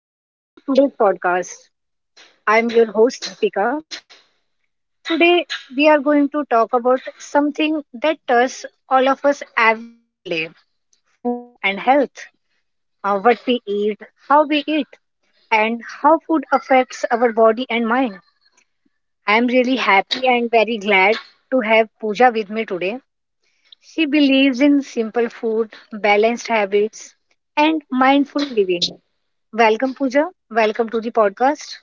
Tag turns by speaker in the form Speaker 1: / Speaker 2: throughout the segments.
Speaker 1: Welcome to today's podcast. I'm your host, Deepika. Today, we are going to talk about something that touches all of us every single day, food and health. What we eat, how we eat, and how food affects our body and mind. I'm really happy and very glad to have Pooja with me today. She believes in simple food, balanced habits, and mindful living. Welcome, Pooja. Welcome to the podcast.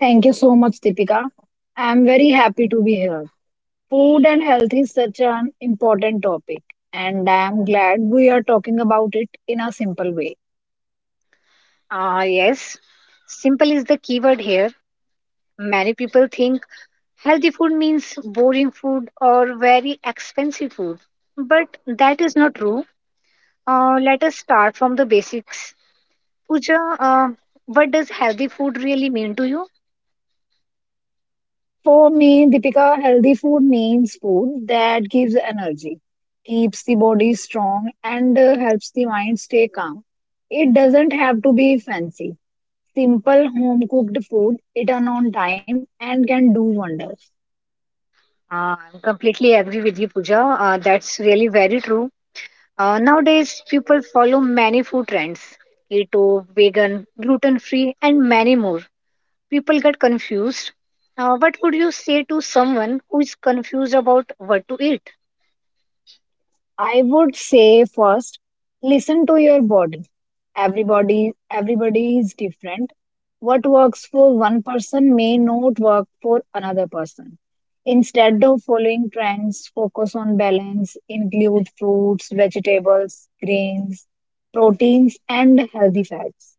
Speaker 2: Thank you so much, Deepika. I'm very happy to be here. Food and health is such an important topic, and I'm glad we are talking about it in a simple way.
Speaker 1: Ah, yes. Simple is the keyword here. Many people think healthy food means boring food or very expensive food, but that is not true. Let us start from the basics. Pooja, what does healthy food really mean to you?
Speaker 2: For me, Deepika, healthy food means food that gives energy, keeps the body strong, and helps the mind stay calm. It doesn't have to be fancy. Simple home cooked food eaten on time and can do wonders.
Speaker 1: I completely agree with you, Pooja. That's really very true. Nowadays, people follow many food trends: keto, vegan, gluten free, and many more. People get confused. What would you say to someone who is confused about what to eat?
Speaker 2: I would say first, listen to your body. Everybody is different. What works for one person may not work for another person. Instead of following trends, focus on balance, include fruits, vegetables, grains, proteins, and healthy fats.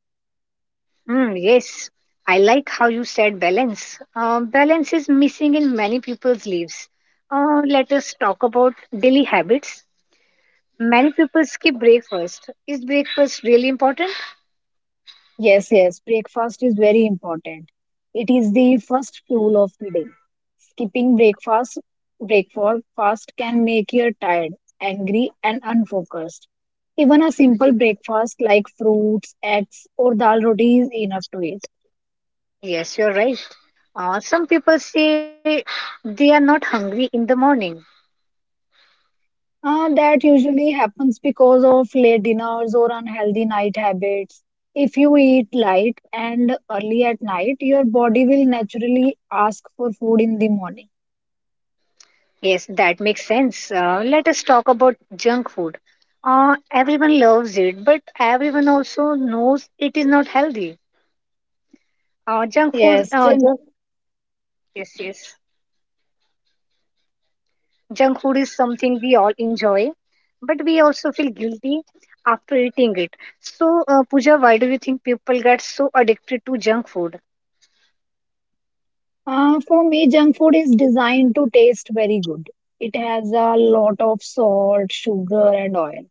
Speaker 1: Hmm, yes, I like how you said balance. Balance is missing in many people's lives. Let us talk about daily habits. Many people skip breakfast. Is breakfast really important?
Speaker 2: Yes, yes, breakfast is very important. It is the first fuel of the day. Skipping breakfast can make you tired, angry, and unfocused. Even a simple breakfast like fruits, eggs, or dal roti is enough to eat.
Speaker 1: Yes, you're right. Some people say they are not hungry in the morning.
Speaker 2: That usually happens because of late dinners or unhealthy night habits. If you eat light and early at night, your body will naturally ask for food in the morning.
Speaker 1: Yes, that makes sense. Let us talk about junk food. Everyone loves it, but everyone also knows it is not healthy. Junk food,
Speaker 2: Yes, Jen.
Speaker 1: junk, yes, yes. Junk food is something we all enjoy, but we also feel guilty after eating it. So, Pooja, why do you think people get so addicted to junk food?
Speaker 2: For me, junk food is designed to taste very good. It has a lot of salt, sugar, and oil.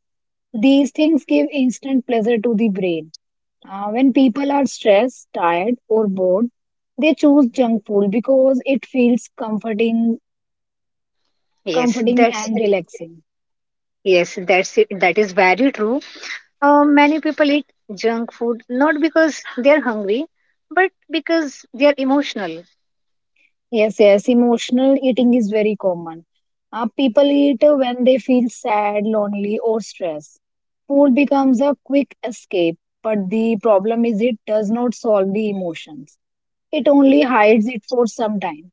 Speaker 2: These things give instant pleasure to the brain. When people are stressed, tired, or bored, they choose junk food because it feels comforting,
Speaker 1: Yes,
Speaker 2: comforting
Speaker 1: that's
Speaker 2: and relaxing.
Speaker 1: yes, that's it. That is very true. Many people eat junk food not because they're hungry, but because they're emotional.
Speaker 2: Yes, yes, emotional eating is very common. People eat when they feel sad, lonely, or stressed. Food becomes a quick escape, but the problem is it does not solve the emotions. It only hides it for some time.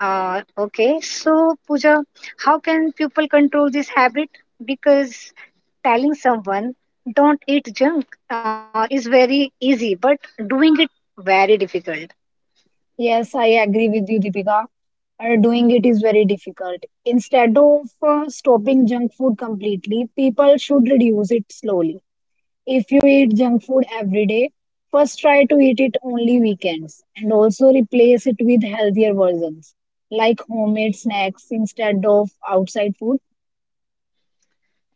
Speaker 1: Okay, so Pooja, how can people control this habit? Because telling someone don't eat junk is very easy, but doing it very difficult.
Speaker 2: Yes, I agree with you, Deepika. Doing it is very difficult. Instead of stopping junk food completely, people should reduce it slowly. If you eat junk food every day, first try to eat it only weekends and also replace it with healthier versions like homemade snacks instead of outside food.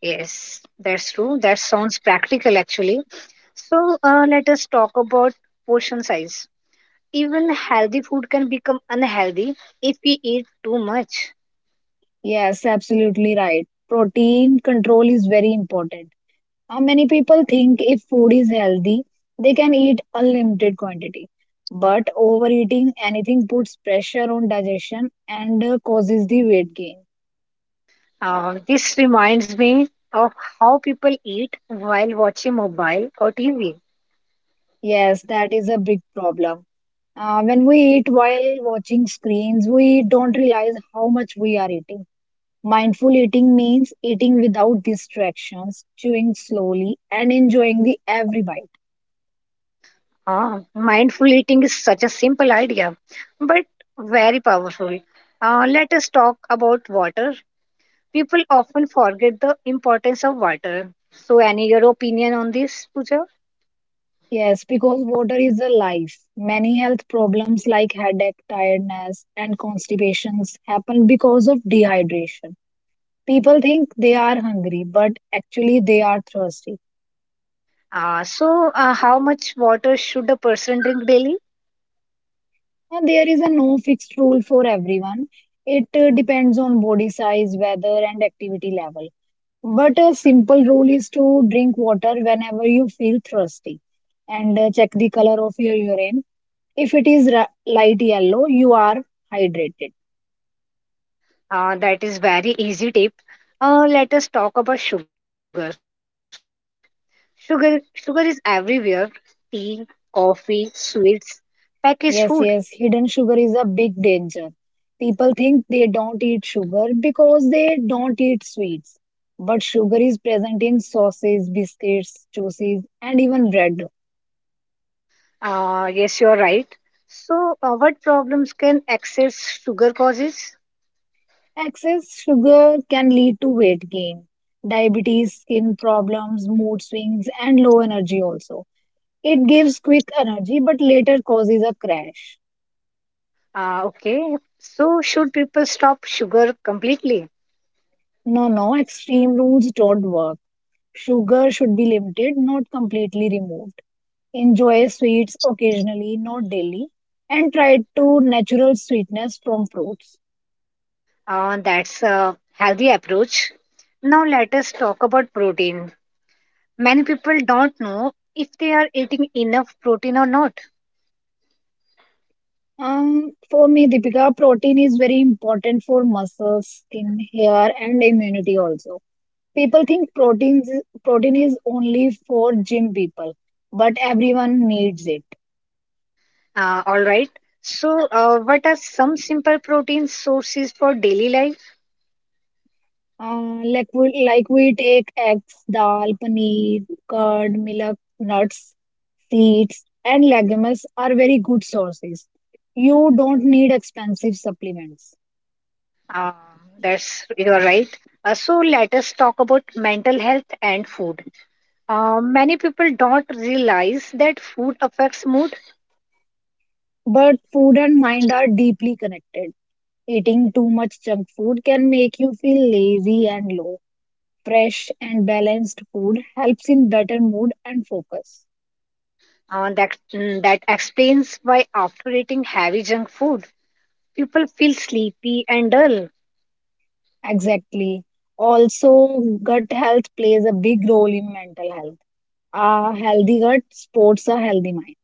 Speaker 1: Yes, that's true. That sounds practical actually. So let us talk about portion size. Even healthy food can become unhealthy if we eat too much.
Speaker 2: Yes, absolutely right. Protein control is very important. Now, many people think if food is healthy, they can eat unlimited quantity. But overeating anything puts pressure on digestion and causes the weight gain.
Speaker 1: This reminds me of how people eat while watching mobile or TV.
Speaker 2: Yes, that is a big problem. When we eat while watching screens, we don't realize how much we are eating. Mindful eating means eating without distractions, chewing slowly, and enjoying the every bite.
Speaker 1: Mindful eating is such a simple idea, but very powerful. Let us talk about water. People often forget the importance of water. So, any your opinion on this, Pooja?
Speaker 2: Yes, because water is a life. Many health problems like headache, tiredness, and constipations happen because of dehydration. People think they are hungry, but actually they are thirsty.
Speaker 1: So, how much water should a person drink daily?
Speaker 2: And there is a no fixed rule for everyone. It depends on body size, weather, and activity level. But a simple rule is to drink water whenever you feel thirsty and check the color of your urine. If it is light yellow, you are hydrated.
Speaker 1: That is very easy tip. Let us talk about sugar. Sugar is everywhere. Tea, coffee, sweets, packaged food.
Speaker 2: Yes, yes, hidden sugar is a big danger. People think they don't eat sugar because they don't eat sweets. But sugar is present in sauces, biscuits, juices, and even bread.
Speaker 1: Yes, you're right. So, what problems can excess sugar causes?
Speaker 2: Excess sugar can lead to weight gain, diabetes, skin problems, mood swings, and low energy also. It gives quick energy but later causes a crash.
Speaker 1: Okay. So, should people stop sugar completely?
Speaker 2: No, no, extreme rules don't work. Sugar should be limited, not completely removed. Enjoy sweets occasionally, not daily, and try to natural sweetness from fruits.
Speaker 1: That's a healthy approach. Now, let us talk about protein. Many people don't know if they are eating enough protein or not.
Speaker 2: For me, Deepika, protein is very important for muscles, skin, hair, and immunity also. People think protein is only for gym people, but everyone needs it.
Speaker 1: All right. So, what are some simple protein sources for daily life?
Speaker 2: Like we take eggs, dal, paneer, curd, milk, nuts, seeds, and legumes are very good sources. You don't need expensive supplements.
Speaker 1: Um, that's You're right. So let us talk about mental health and food. Many people don't realize that food affects mood.
Speaker 2: But food and mind are deeply connected. Eating too much junk food can make you feel lazy and low. Fresh and balanced food helps in better mood and focus.
Speaker 1: That explains why after eating heavy junk food, people feel sleepy and dull.
Speaker 2: Exactly. Also, gut health plays a big role in mental health. A healthy gut supports a healthy mind.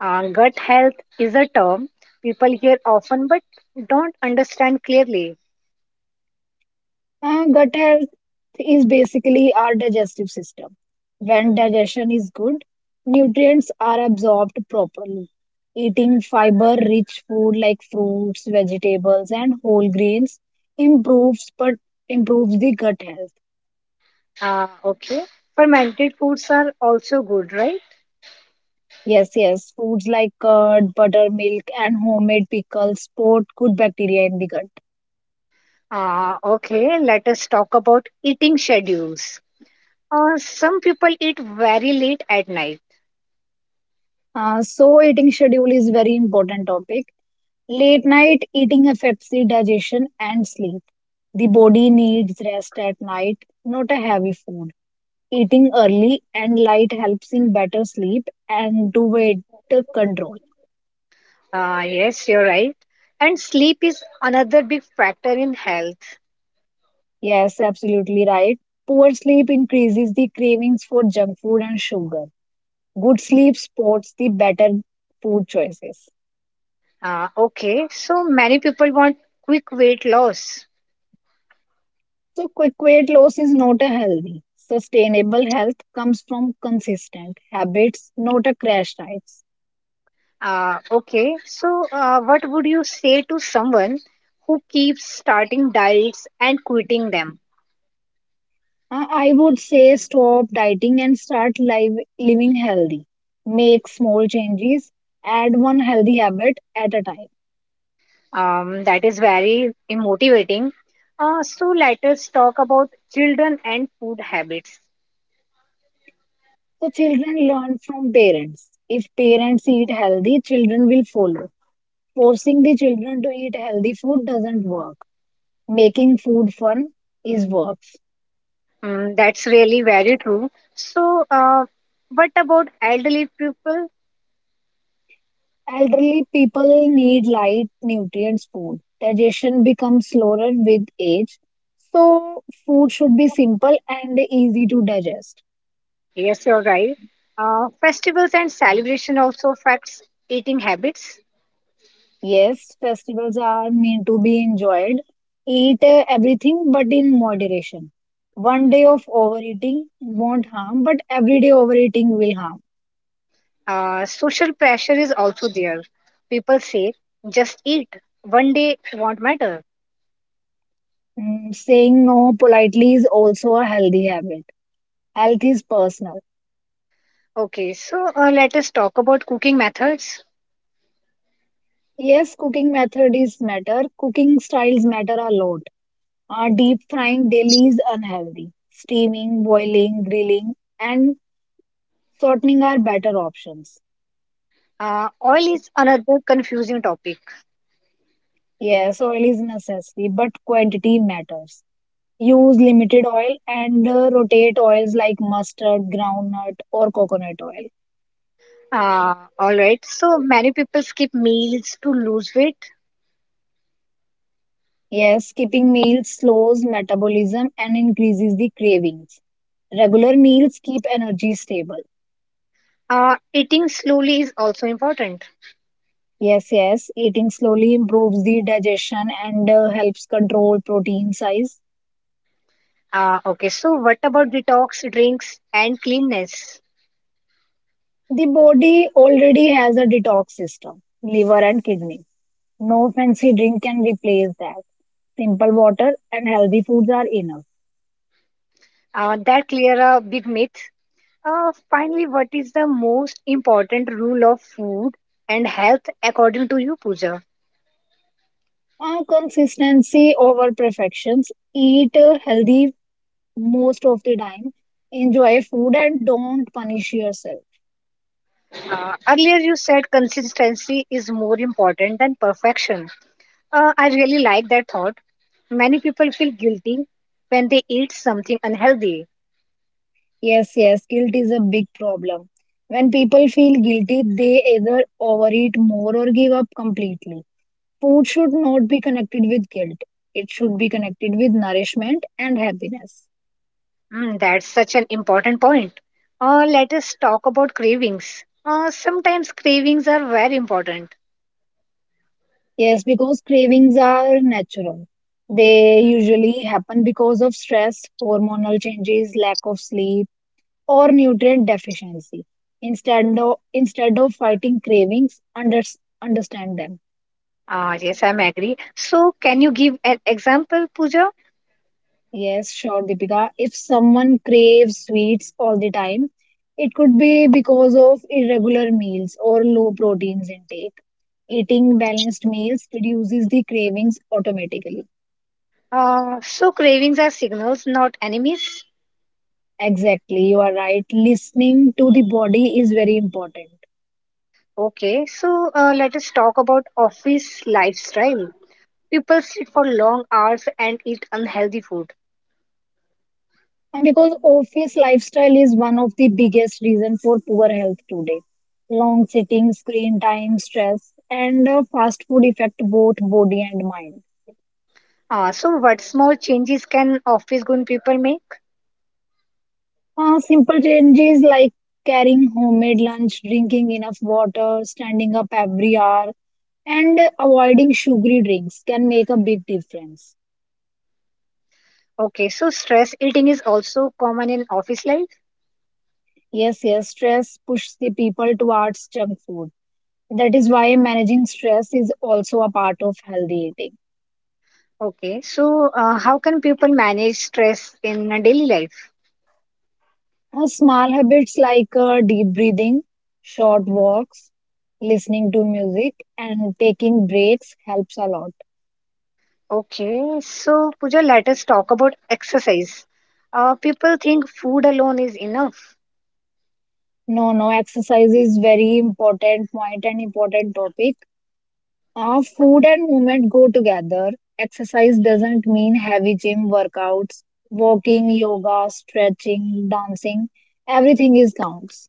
Speaker 1: Gut health is a term people hear often but don't understand clearly.
Speaker 2: Gut health is basically our digestive system. When digestion is good, nutrients are absorbed properly. Eating fiber rich food like fruits, vegetables, and whole grains improves but improves the gut health.
Speaker 1: Okay, fermented foods are also good, right?
Speaker 2: Yes, yes, foods like curd, buttermilk, and homemade pickles support good bacteria in the gut.
Speaker 1: Okay, let us talk about eating schedules. Some people eat very late at night.
Speaker 2: So eating schedule is very important topic. Late night eating affects the digestion and sleep. The body needs rest at night, not a heavy food. Eating early and light helps in better sleep and to weight control.
Speaker 1: Yes, you're right. And sleep is another big factor in health.
Speaker 2: Yes, absolutely right. Poor sleep increases the cravings for junk food and sugar. Good sleep supports the better food choices.
Speaker 1: Okay, so many people want quick weight loss.
Speaker 2: So, quick weight loss is not a healthy. Sustainable health comes from consistent habits, not a crash diets.
Speaker 1: Okay, so what would you say to someone who keeps starting diets and quitting them?
Speaker 2: I would say stop dieting and start live, living healthy. Make small changes, add one healthy habit at a time.
Speaker 1: That is very motivating. So let us talk about children and food habits.
Speaker 2: So, children learn from parents. If parents eat healthy, children will follow. Forcing the children to eat healthy food doesn't work. Making food fun is work.
Speaker 1: Mm, that's really very true. So, what about elderly people?
Speaker 2: Elderly people need light, nutrients, food. Digestion becomes slower with age, so food should be simple and easy to digest.
Speaker 1: Yes, you're right. Festivals and celebration also affects eating habits.
Speaker 2: Yes, festivals are meant to be enjoyed. Eat everything but in moderation. One day of overeating won't harm, but everyday overeating will harm.
Speaker 1: Social pressure is also there. People say, just eat. One day won't matter.
Speaker 2: Mm, saying no politely is also a healthy habit. Health is personal.
Speaker 1: Okay, so let us talk about cooking methods.
Speaker 2: Yes, cooking method is matter. Cooking styles matter a lot. Deep frying daily is unhealthy. Steaming, boiling, grilling, and shortening are better options.
Speaker 1: Oil is another confusing topic.
Speaker 2: Yes, oil is necessary, but quantity matters. Use limited oil and rotate oils like mustard, groundnut, or coconut oil.
Speaker 1: All right, so many people skip meals to lose weight.
Speaker 2: Yes, skipping meals slows metabolism and increases the cravings. Regular meals keep energy stable.
Speaker 1: Eating slowly is also important.
Speaker 2: Yes, yes, eating slowly improves the digestion and helps control protein size.
Speaker 1: Okay, so what about detox, drinks, and cleanness?
Speaker 2: The body already has a detox system, liver and kidney. No fancy drink can replace that. Simple water and healthy foods are enough.
Speaker 1: That clear a big myth. Finally, what is the most important rule of food and health according to you, Pooja?
Speaker 2: Consistency over perfections. Eat healthy most of the time. Enjoy food and don't punish yourself.
Speaker 1: Earlier, you said consistency is more important than perfection. I really like that thought. Many people feel guilty when they eat something unhealthy.
Speaker 2: Yes, yes, guilt is a big problem. When people feel guilty, they either overeat more or give up completely. Food should not be connected with guilt. It should be connected with nourishment and happiness.
Speaker 1: Mm, that's such an important point. Let us talk about cravings. Sometimes cravings are very important.
Speaker 2: Yes, because cravings are natural. They usually happen because of stress, hormonal changes, lack of sleep, or nutrient deficiency. Instead of fighting cravings, understand them.
Speaker 1: Ah, yes, I'm agree. So, can you give an example, Pooja?
Speaker 2: Yes, sure, Deepika. If someone craves sweets all the time, it could be because of irregular meals or low proteins intake. Eating balanced meals reduces the cravings automatically.
Speaker 1: So, cravings are signals, not enemies.
Speaker 2: Exactly, you are right. Listening to the body is very important.
Speaker 1: Okay, so let us talk about office lifestyle. People sit for long hours and eat unhealthy food.
Speaker 2: And because office lifestyle is one of the biggest reasons for poor health today. Long sitting, screen time, stress, and fast food affect both body and mind.
Speaker 1: So, what small changes can office going people make?
Speaker 2: Simple changes like carrying homemade lunch, drinking enough water, standing up every hour, and avoiding sugary drinks can make a big difference.
Speaker 1: Okay, so stress eating is also common in office life.
Speaker 2: Yes, yes, stress pushes the people towards junk food. That is why managing stress is also a part of healthy eating.
Speaker 1: Okay, so how can people manage stress in a daily life?
Speaker 2: Small habits like deep breathing, short walks, listening to music, and taking breaks helps a lot.
Speaker 1: Okay, so Pooja, let us talk about exercise. People think food alone is enough.
Speaker 2: No, no, exercise is very important point and important topic. Food and movement go together. Exercise doesn't mean heavy gym workouts, walking, yoga, stretching, dancing. Everything is counts.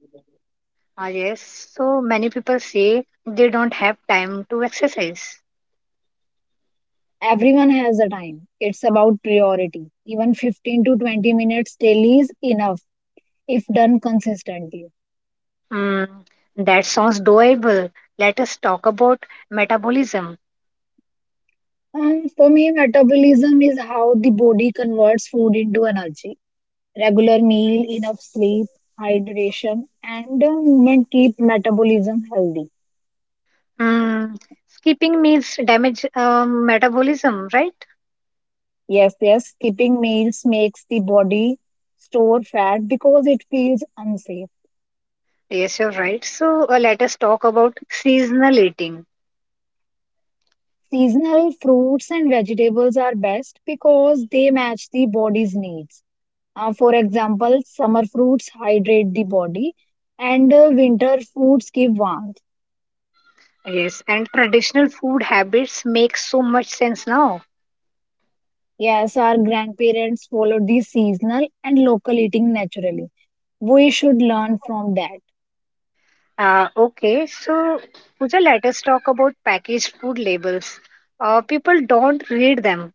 Speaker 1: Ah, yes, so many people say they don't have time to exercise.
Speaker 2: Everyone has the time. It's about priority. Even 15 to 20 minutes daily is enough if done consistently.
Speaker 1: Hmm, that sounds doable. Let us talk about metabolism.
Speaker 2: For me, metabolism is how the body converts food into energy. Regular meal, enough sleep, hydration, and movement keep metabolism healthy.
Speaker 1: Hmm, skipping meals damage metabolism, right?
Speaker 2: Yes, yes, skipping meals makes the body store fat because it feels unsafe.
Speaker 1: Yes, you're right. So let us talk about seasonal eating.
Speaker 2: Seasonal fruits and vegetables are best because they match the body's needs. For example, summer fruits hydrate the body and winter foods give warmth.
Speaker 1: Yes, and traditional food habits make so much sense now.
Speaker 2: Yes, our grandparents followed the seasonal and local eating naturally. We should learn from that.
Speaker 1: Okay, so Pooja, let us talk about packaged food labels. People don't read them.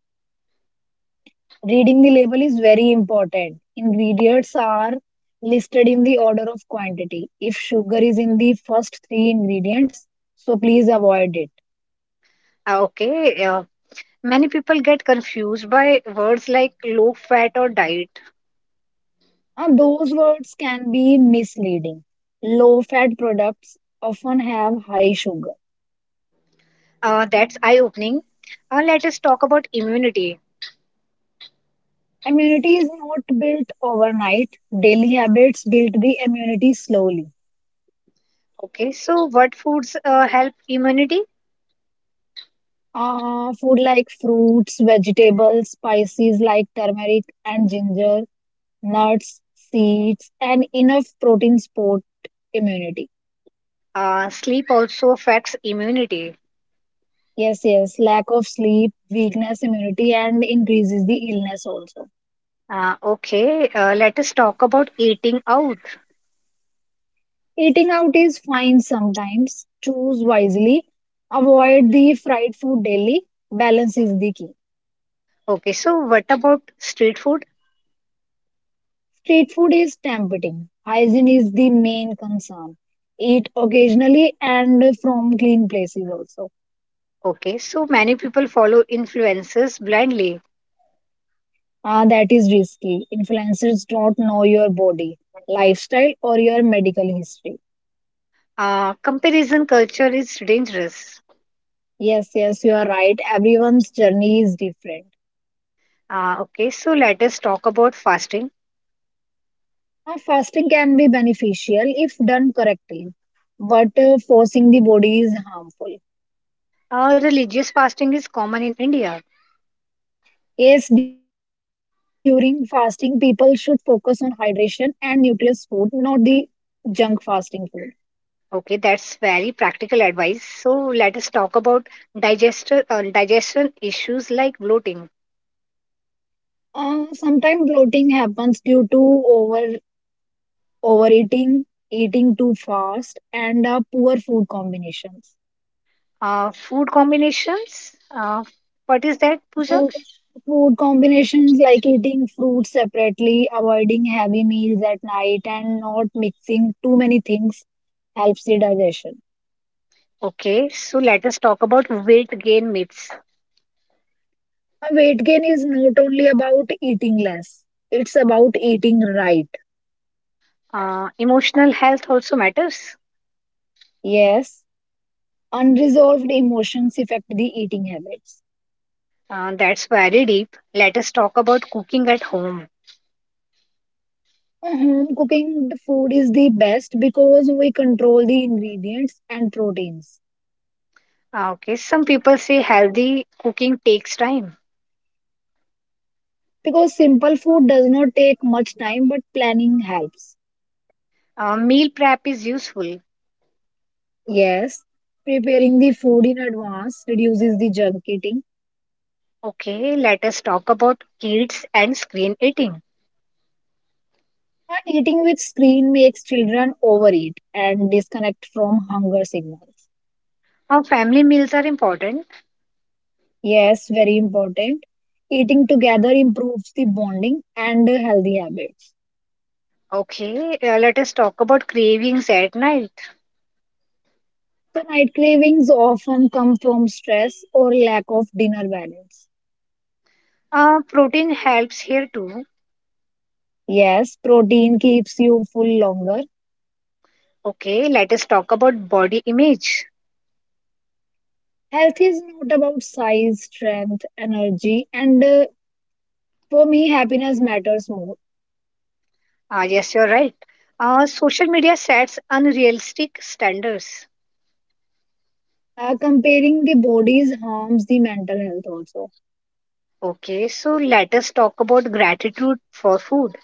Speaker 2: Reading the label is very important. Ingredients are listed in the order of quantity. If sugar is in the first three ingredients, so please avoid it.
Speaker 1: Okay, many people get confused by words like low fat or diet.
Speaker 2: And those words can be misleading. Low fat products often have high sugar.
Speaker 1: That's eye opening. Let us talk about immunity.
Speaker 2: Immunity is not built overnight. Daily habits build the immunity slowly.
Speaker 1: Okay, so what foods help immunity?
Speaker 2: Food like fruits, vegetables, spices like turmeric and ginger nuts, seeds, and enough protein support immunity.
Speaker 1: Sleep also affects immunity.
Speaker 2: Yes, yes, lack of sleep weakness immunity and increases the illness also.
Speaker 1: Okay, let us talk about eating out.
Speaker 2: Eating out is fine sometimes. Choose wisely. Avoid the fried food daily. Balance is the key.
Speaker 1: Okay, so what about street food?
Speaker 2: Street food is tempting. Hygiene is the main concern. Eat occasionally and from clean places also.
Speaker 1: Okay, so many people follow influencers blindly.
Speaker 2: Ah, that is risky. Influencers don't know your body, lifestyle, or your medical history.
Speaker 1: Comparison culture is dangerous.
Speaker 2: Yes, yes, you are right. Everyone's journey is different.
Speaker 1: Okay, so let us talk about fasting.
Speaker 2: Now, fasting can be beneficial if done correctly, but forcing the body is harmful.
Speaker 1: Religious fasting is common in India.
Speaker 2: Yes, during fasting, people should focus on hydration and nutritious food, not the junk fasting food.
Speaker 1: Okay, that's very practical advice. So let us talk about digestion issues like bloating,
Speaker 2: Sometimes bloating happens due to overeating, eating too fast, and poor food combinations.
Speaker 1: food combinations. What is that, Pooja?
Speaker 2: Food, food combinations like eating fruit separately, avoiding heavy meals at night, and not mixing too many things helps the digestion.
Speaker 1: Okay, so let us talk about weight gain myths.
Speaker 2: Weight gain is not only about eating less, it's about eating right.
Speaker 1: Emotional health also matters.
Speaker 2: Yes, unresolved emotions affect the eating habits.
Speaker 1: That's very deep. Let us talk about cooking at home.
Speaker 2: Home cooking food is the best because we control the ingredients and proteins.
Speaker 1: Okay, some people say healthy cooking takes time.
Speaker 2: Because simple food does not take much time, but planning helps.
Speaker 1: Meal prep is useful.
Speaker 2: Yes, preparing the food in advance reduces the junk eating,
Speaker 1: Okay, let us talk about kids and screen eating.
Speaker 2: and eating with screen makes children overeat and disconnect from hunger signals.
Speaker 1: Our family meals are important.
Speaker 2: Yes, very important. Eating together improves the bonding and healthy habits.
Speaker 1: Okay, let us talk about cravings at night.
Speaker 2: So, night cravings often come from stress or lack of dinner balance.
Speaker 1: Protein helps here too.
Speaker 2: Yes, protein keeps you full longer.
Speaker 1: Okay, let us talk about body image.
Speaker 2: Health is not about size, strength, energy, and for me, happiness matters more.
Speaker 1: Yes, you're right. Social media sets unrealistic standards.
Speaker 2: Comparing the bodies harms the mental health also.
Speaker 1: Okay, so let us talk about gratitude for food.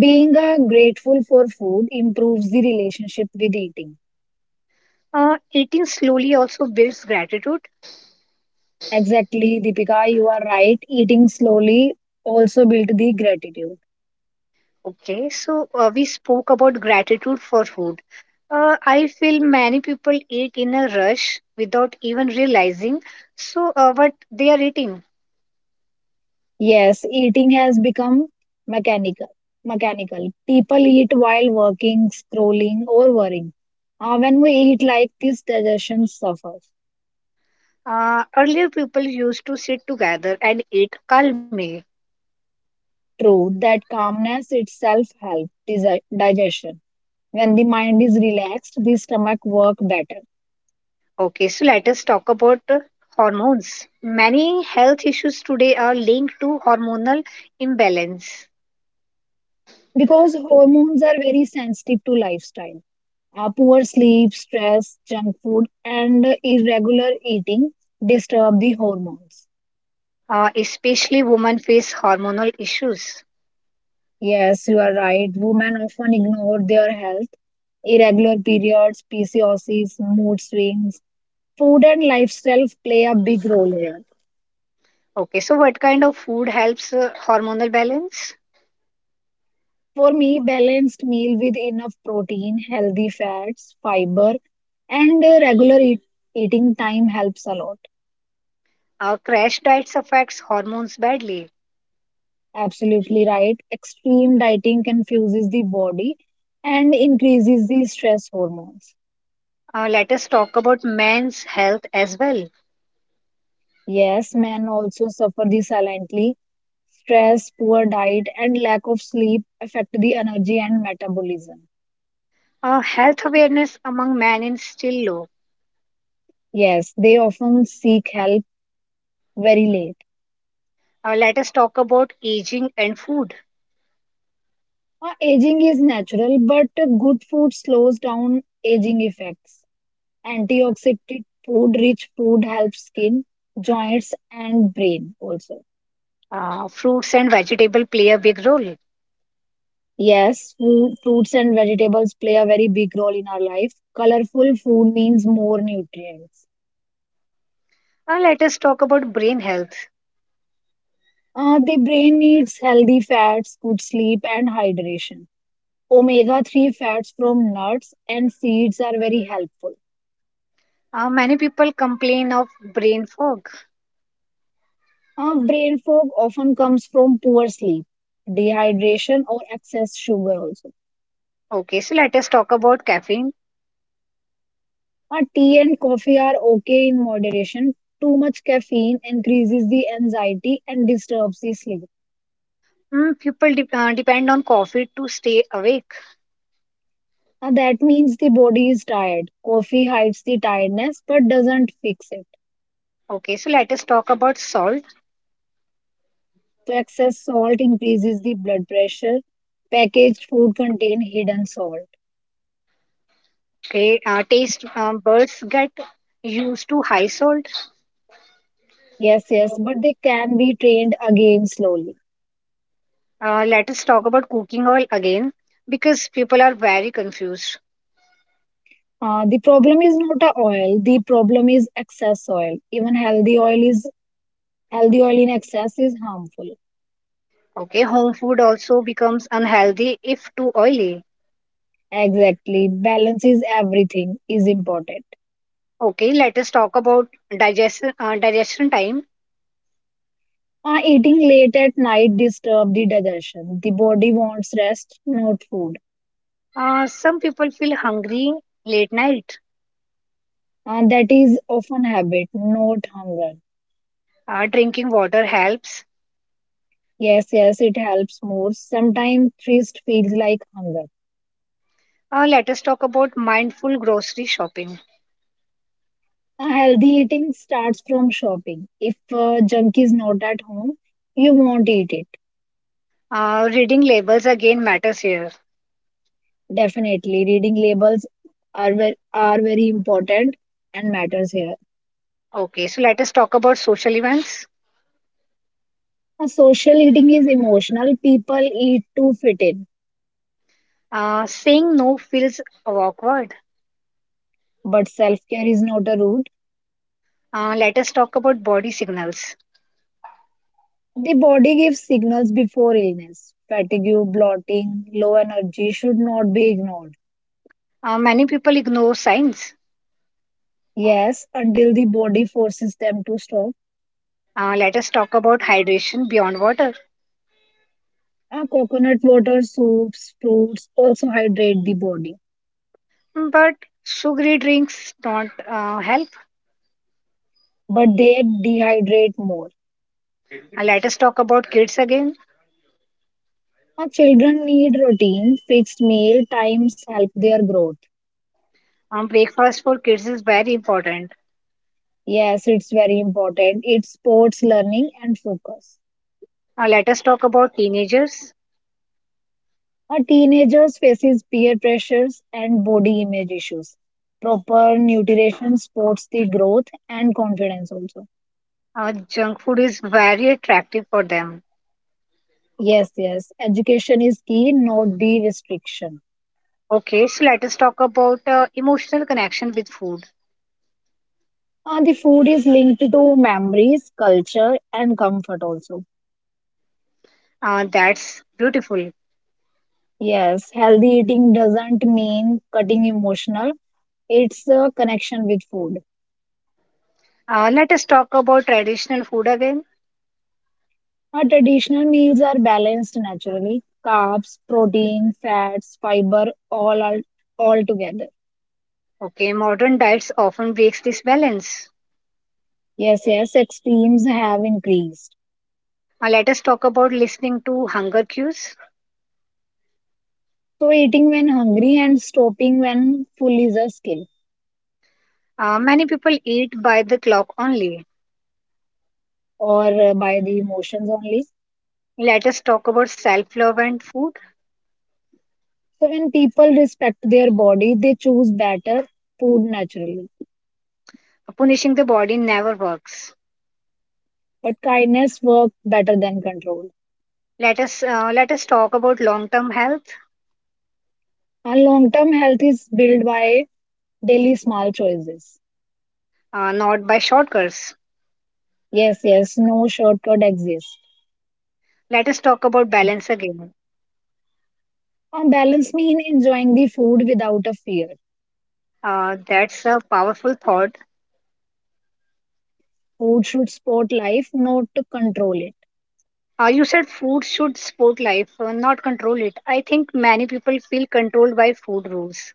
Speaker 2: Being grateful for food improves the relationship with eating.
Speaker 1: Eating slowly also builds gratitude.
Speaker 2: Exactly, Deepika, you are right. Eating slowly also built the gratitude.
Speaker 1: Okay, so we spoke about gratitude for food. I feel many people eat in a rush without even realizing so what they are eating.
Speaker 2: Yes, eating has become mechanical. Mechanical. People eat while working, scrolling, or worrying. When we eat like this, digestion suffers.
Speaker 1: Earlier, people used to sit together and eat calmly.
Speaker 2: True, that calmness itself helps digestion. When the mind is relaxed, the stomach work better
Speaker 1: Okay, so let us talk about hormones. Many health issues today are linked to hormonal imbalance.
Speaker 2: because hormones are very sensitive to lifestyle. Poor sleep, stress, junk food, and irregular eating disturb the hormones.
Speaker 1: Especially women face hormonal issues.
Speaker 2: Yes, you are right, women often ignore their health. Irregular periods, pcos, mood swings, food and lifestyle play a big role here.
Speaker 1: Okay, so what kind of food helps hormonal balance?
Speaker 2: For me, balanced meal with enough protein, healthy fats, fiber, and regular eating time helps a lot.
Speaker 1: Crash diets affects hormones badly.
Speaker 2: Absolutely right. Extreme dieting confuses the body and increases the stress hormones.
Speaker 1: Let us talk about men's health as well.
Speaker 2: Yes, men also suffer this silently. Stress, poor diet, and lack of sleep affect the energy and metabolism.
Speaker 1: Health awareness among men is still low.
Speaker 2: Yes, they often seek help very late.
Speaker 1: Let us talk about aging and food.
Speaker 2: Aging is natural, but good food slows down aging effects. Antioxidant food, rich food helps skin, joints, and brain also.
Speaker 1: Fruits and vegetable play a big role.
Speaker 2: Yes, food, fruits and vegetables play a very big role in our life. Colorful food means more nutrients.
Speaker 1: Let us talk about brain health.
Speaker 2: The brain needs healthy fats, good sleep, and hydration. Omega 3 fats from nuts and seeds are very helpful.
Speaker 1: Many people complain of brain fog.
Speaker 2: Brain fog often comes from poor sleep, dehydration, or excess sugar also.
Speaker 1: Okay, so let us talk about caffeine.
Speaker 2: Tea and coffee are okay in moderation. Too much caffeine increases the anxiety and disturbs the sleep.
Speaker 1: Hmm. People depend on coffee to stay awake.
Speaker 2: That means the body is tired. Coffee hides the tiredness but doesn't fix it.
Speaker 1: Okay, so let us talk about salt.
Speaker 2: So excess salt increases the blood pressure. Packaged food contain hidden salt.
Speaker 1: Okay, taste buds get used to high salt.
Speaker 2: Yes, yes, but they can be trained again slowly.
Speaker 1: Let us talk about cooking oil again because people are very confused.
Speaker 2: The problem is not a oil. The problem is excess oil. Even healthy oil is Healthy oil in excess is harmful.
Speaker 1: Okay, home food also becomes unhealthy if too oily.
Speaker 2: Exactly. Balance is everything is important.
Speaker 1: Okay, let us talk about digestion time.
Speaker 2: Eating late at night disturb the digestion. The body wants rest, not food.
Speaker 1: Some people feel hungry late night.
Speaker 2: That is often habit, not hunger.
Speaker 1: Drinking water helps.
Speaker 2: Yes, yes, it helps more. Sometimes thirst feels like hunger.
Speaker 1: Let us talk about mindful grocery shopping.
Speaker 2: Healthy eating starts from shopping. If junk is not at home, you won't eat it.
Speaker 1: Reading labels again matters here.
Speaker 2: Definitely, reading labels are very important and matters here.
Speaker 1: Okay, so let us talk about social events.
Speaker 2: Social eating is emotional. People eat to fit in,
Speaker 1: Saying no feels awkward.
Speaker 2: but self-care is not a route.
Speaker 1: Let us talk about body signals.
Speaker 2: The body gives signals before illness. Fatigue, bloating, low energy should not be ignored.
Speaker 1: Many people ignore signs.
Speaker 2: Yes, until the body forces them to stop.
Speaker 1: Let us talk about hydration beyond water.
Speaker 2: Coconut water, soups, fruits also hydrate the body,
Speaker 1: But sugary drinks don't help.
Speaker 2: but they dehydrate more.
Speaker 1: Let us talk about kids again.
Speaker 2: Our children need routine, fixed meal times help their growth.
Speaker 1: Breakfast for kids is very important.
Speaker 2: Yes, it's very important. It supports learning and focus.
Speaker 1: Let us talk about teenagers.
Speaker 2: A teenager faces peer pressures and body image issues. Proper nutrition supports the growth and confidence also.
Speaker 1: Junk food is very attractive for them.
Speaker 2: Yes, yes. Education is key, not the restriction.
Speaker 1: Okay, so let us talk about emotional connection with food.
Speaker 2: The food is linked to memories, culture, and comfort also.
Speaker 1: That's beautiful.
Speaker 2: Yes, healthy eating doesn't mean cutting emotional. It's the connection with food.
Speaker 1: Let us talk about traditional food again.
Speaker 2: Our traditional meals are balanced naturally. Carbs, protein, fats, fiber, all are all together.
Speaker 1: Okay, modern diets often breaks this balance.
Speaker 2: Yes, yes, extremes have increased.
Speaker 1: Let us talk about listening to hunger cues.
Speaker 2: So eating when hungry and stopping when full is a skill,
Speaker 1: Many people eat by the clock only.
Speaker 2: or by the emotions only.
Speaker 1: Let us talk about self-love and food.
Speaker 2: So when people respect their body, they choose better food naturally.
Speaker 1: Punishing the body never works.
Speaker 2: But kindness works better than control.
Speaker 1: Let us talk about long-term health,
Speaker 2: And long-term health is built by daily small choices.
Speaker 1: not by shortcuts.
Speaker 2: Yes, yes, no shortcut exists.
Speaker 1: Let us talk about balance again.
Speaker 2: On balance mean enjoying the food without a fear.
Speaker 1: That's a powerful thought.
Speaker 2: Food should support life, not to control it.
Speaker 1: You said food should support life, not control it. I think many people feel controlled by food rules.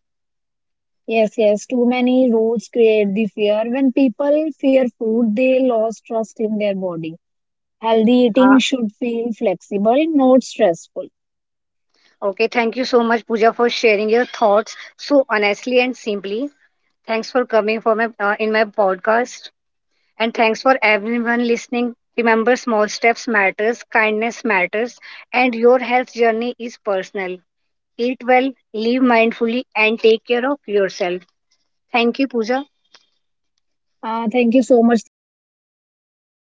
Speaker 2: Yes, yes, too many roads create the fear. When people fear food, they lose trust in their body. Healthy eating
Speaker 1: Uh,
Speaker 2: should feel flexible, not stressful.
Speaker 1: okay, thank you so much, Pooja, for sharing your thoughts so honestly and simply. Thanks for coming for my in my podcast, and thanks for everyone listening. Remember, small steps matters, kindness matters, and your health journey is personal. Eat well, live mindfully, and take care of yourself. Thank you, Pooja.
Speaker 2: Thank you so much, Deepika. I'm very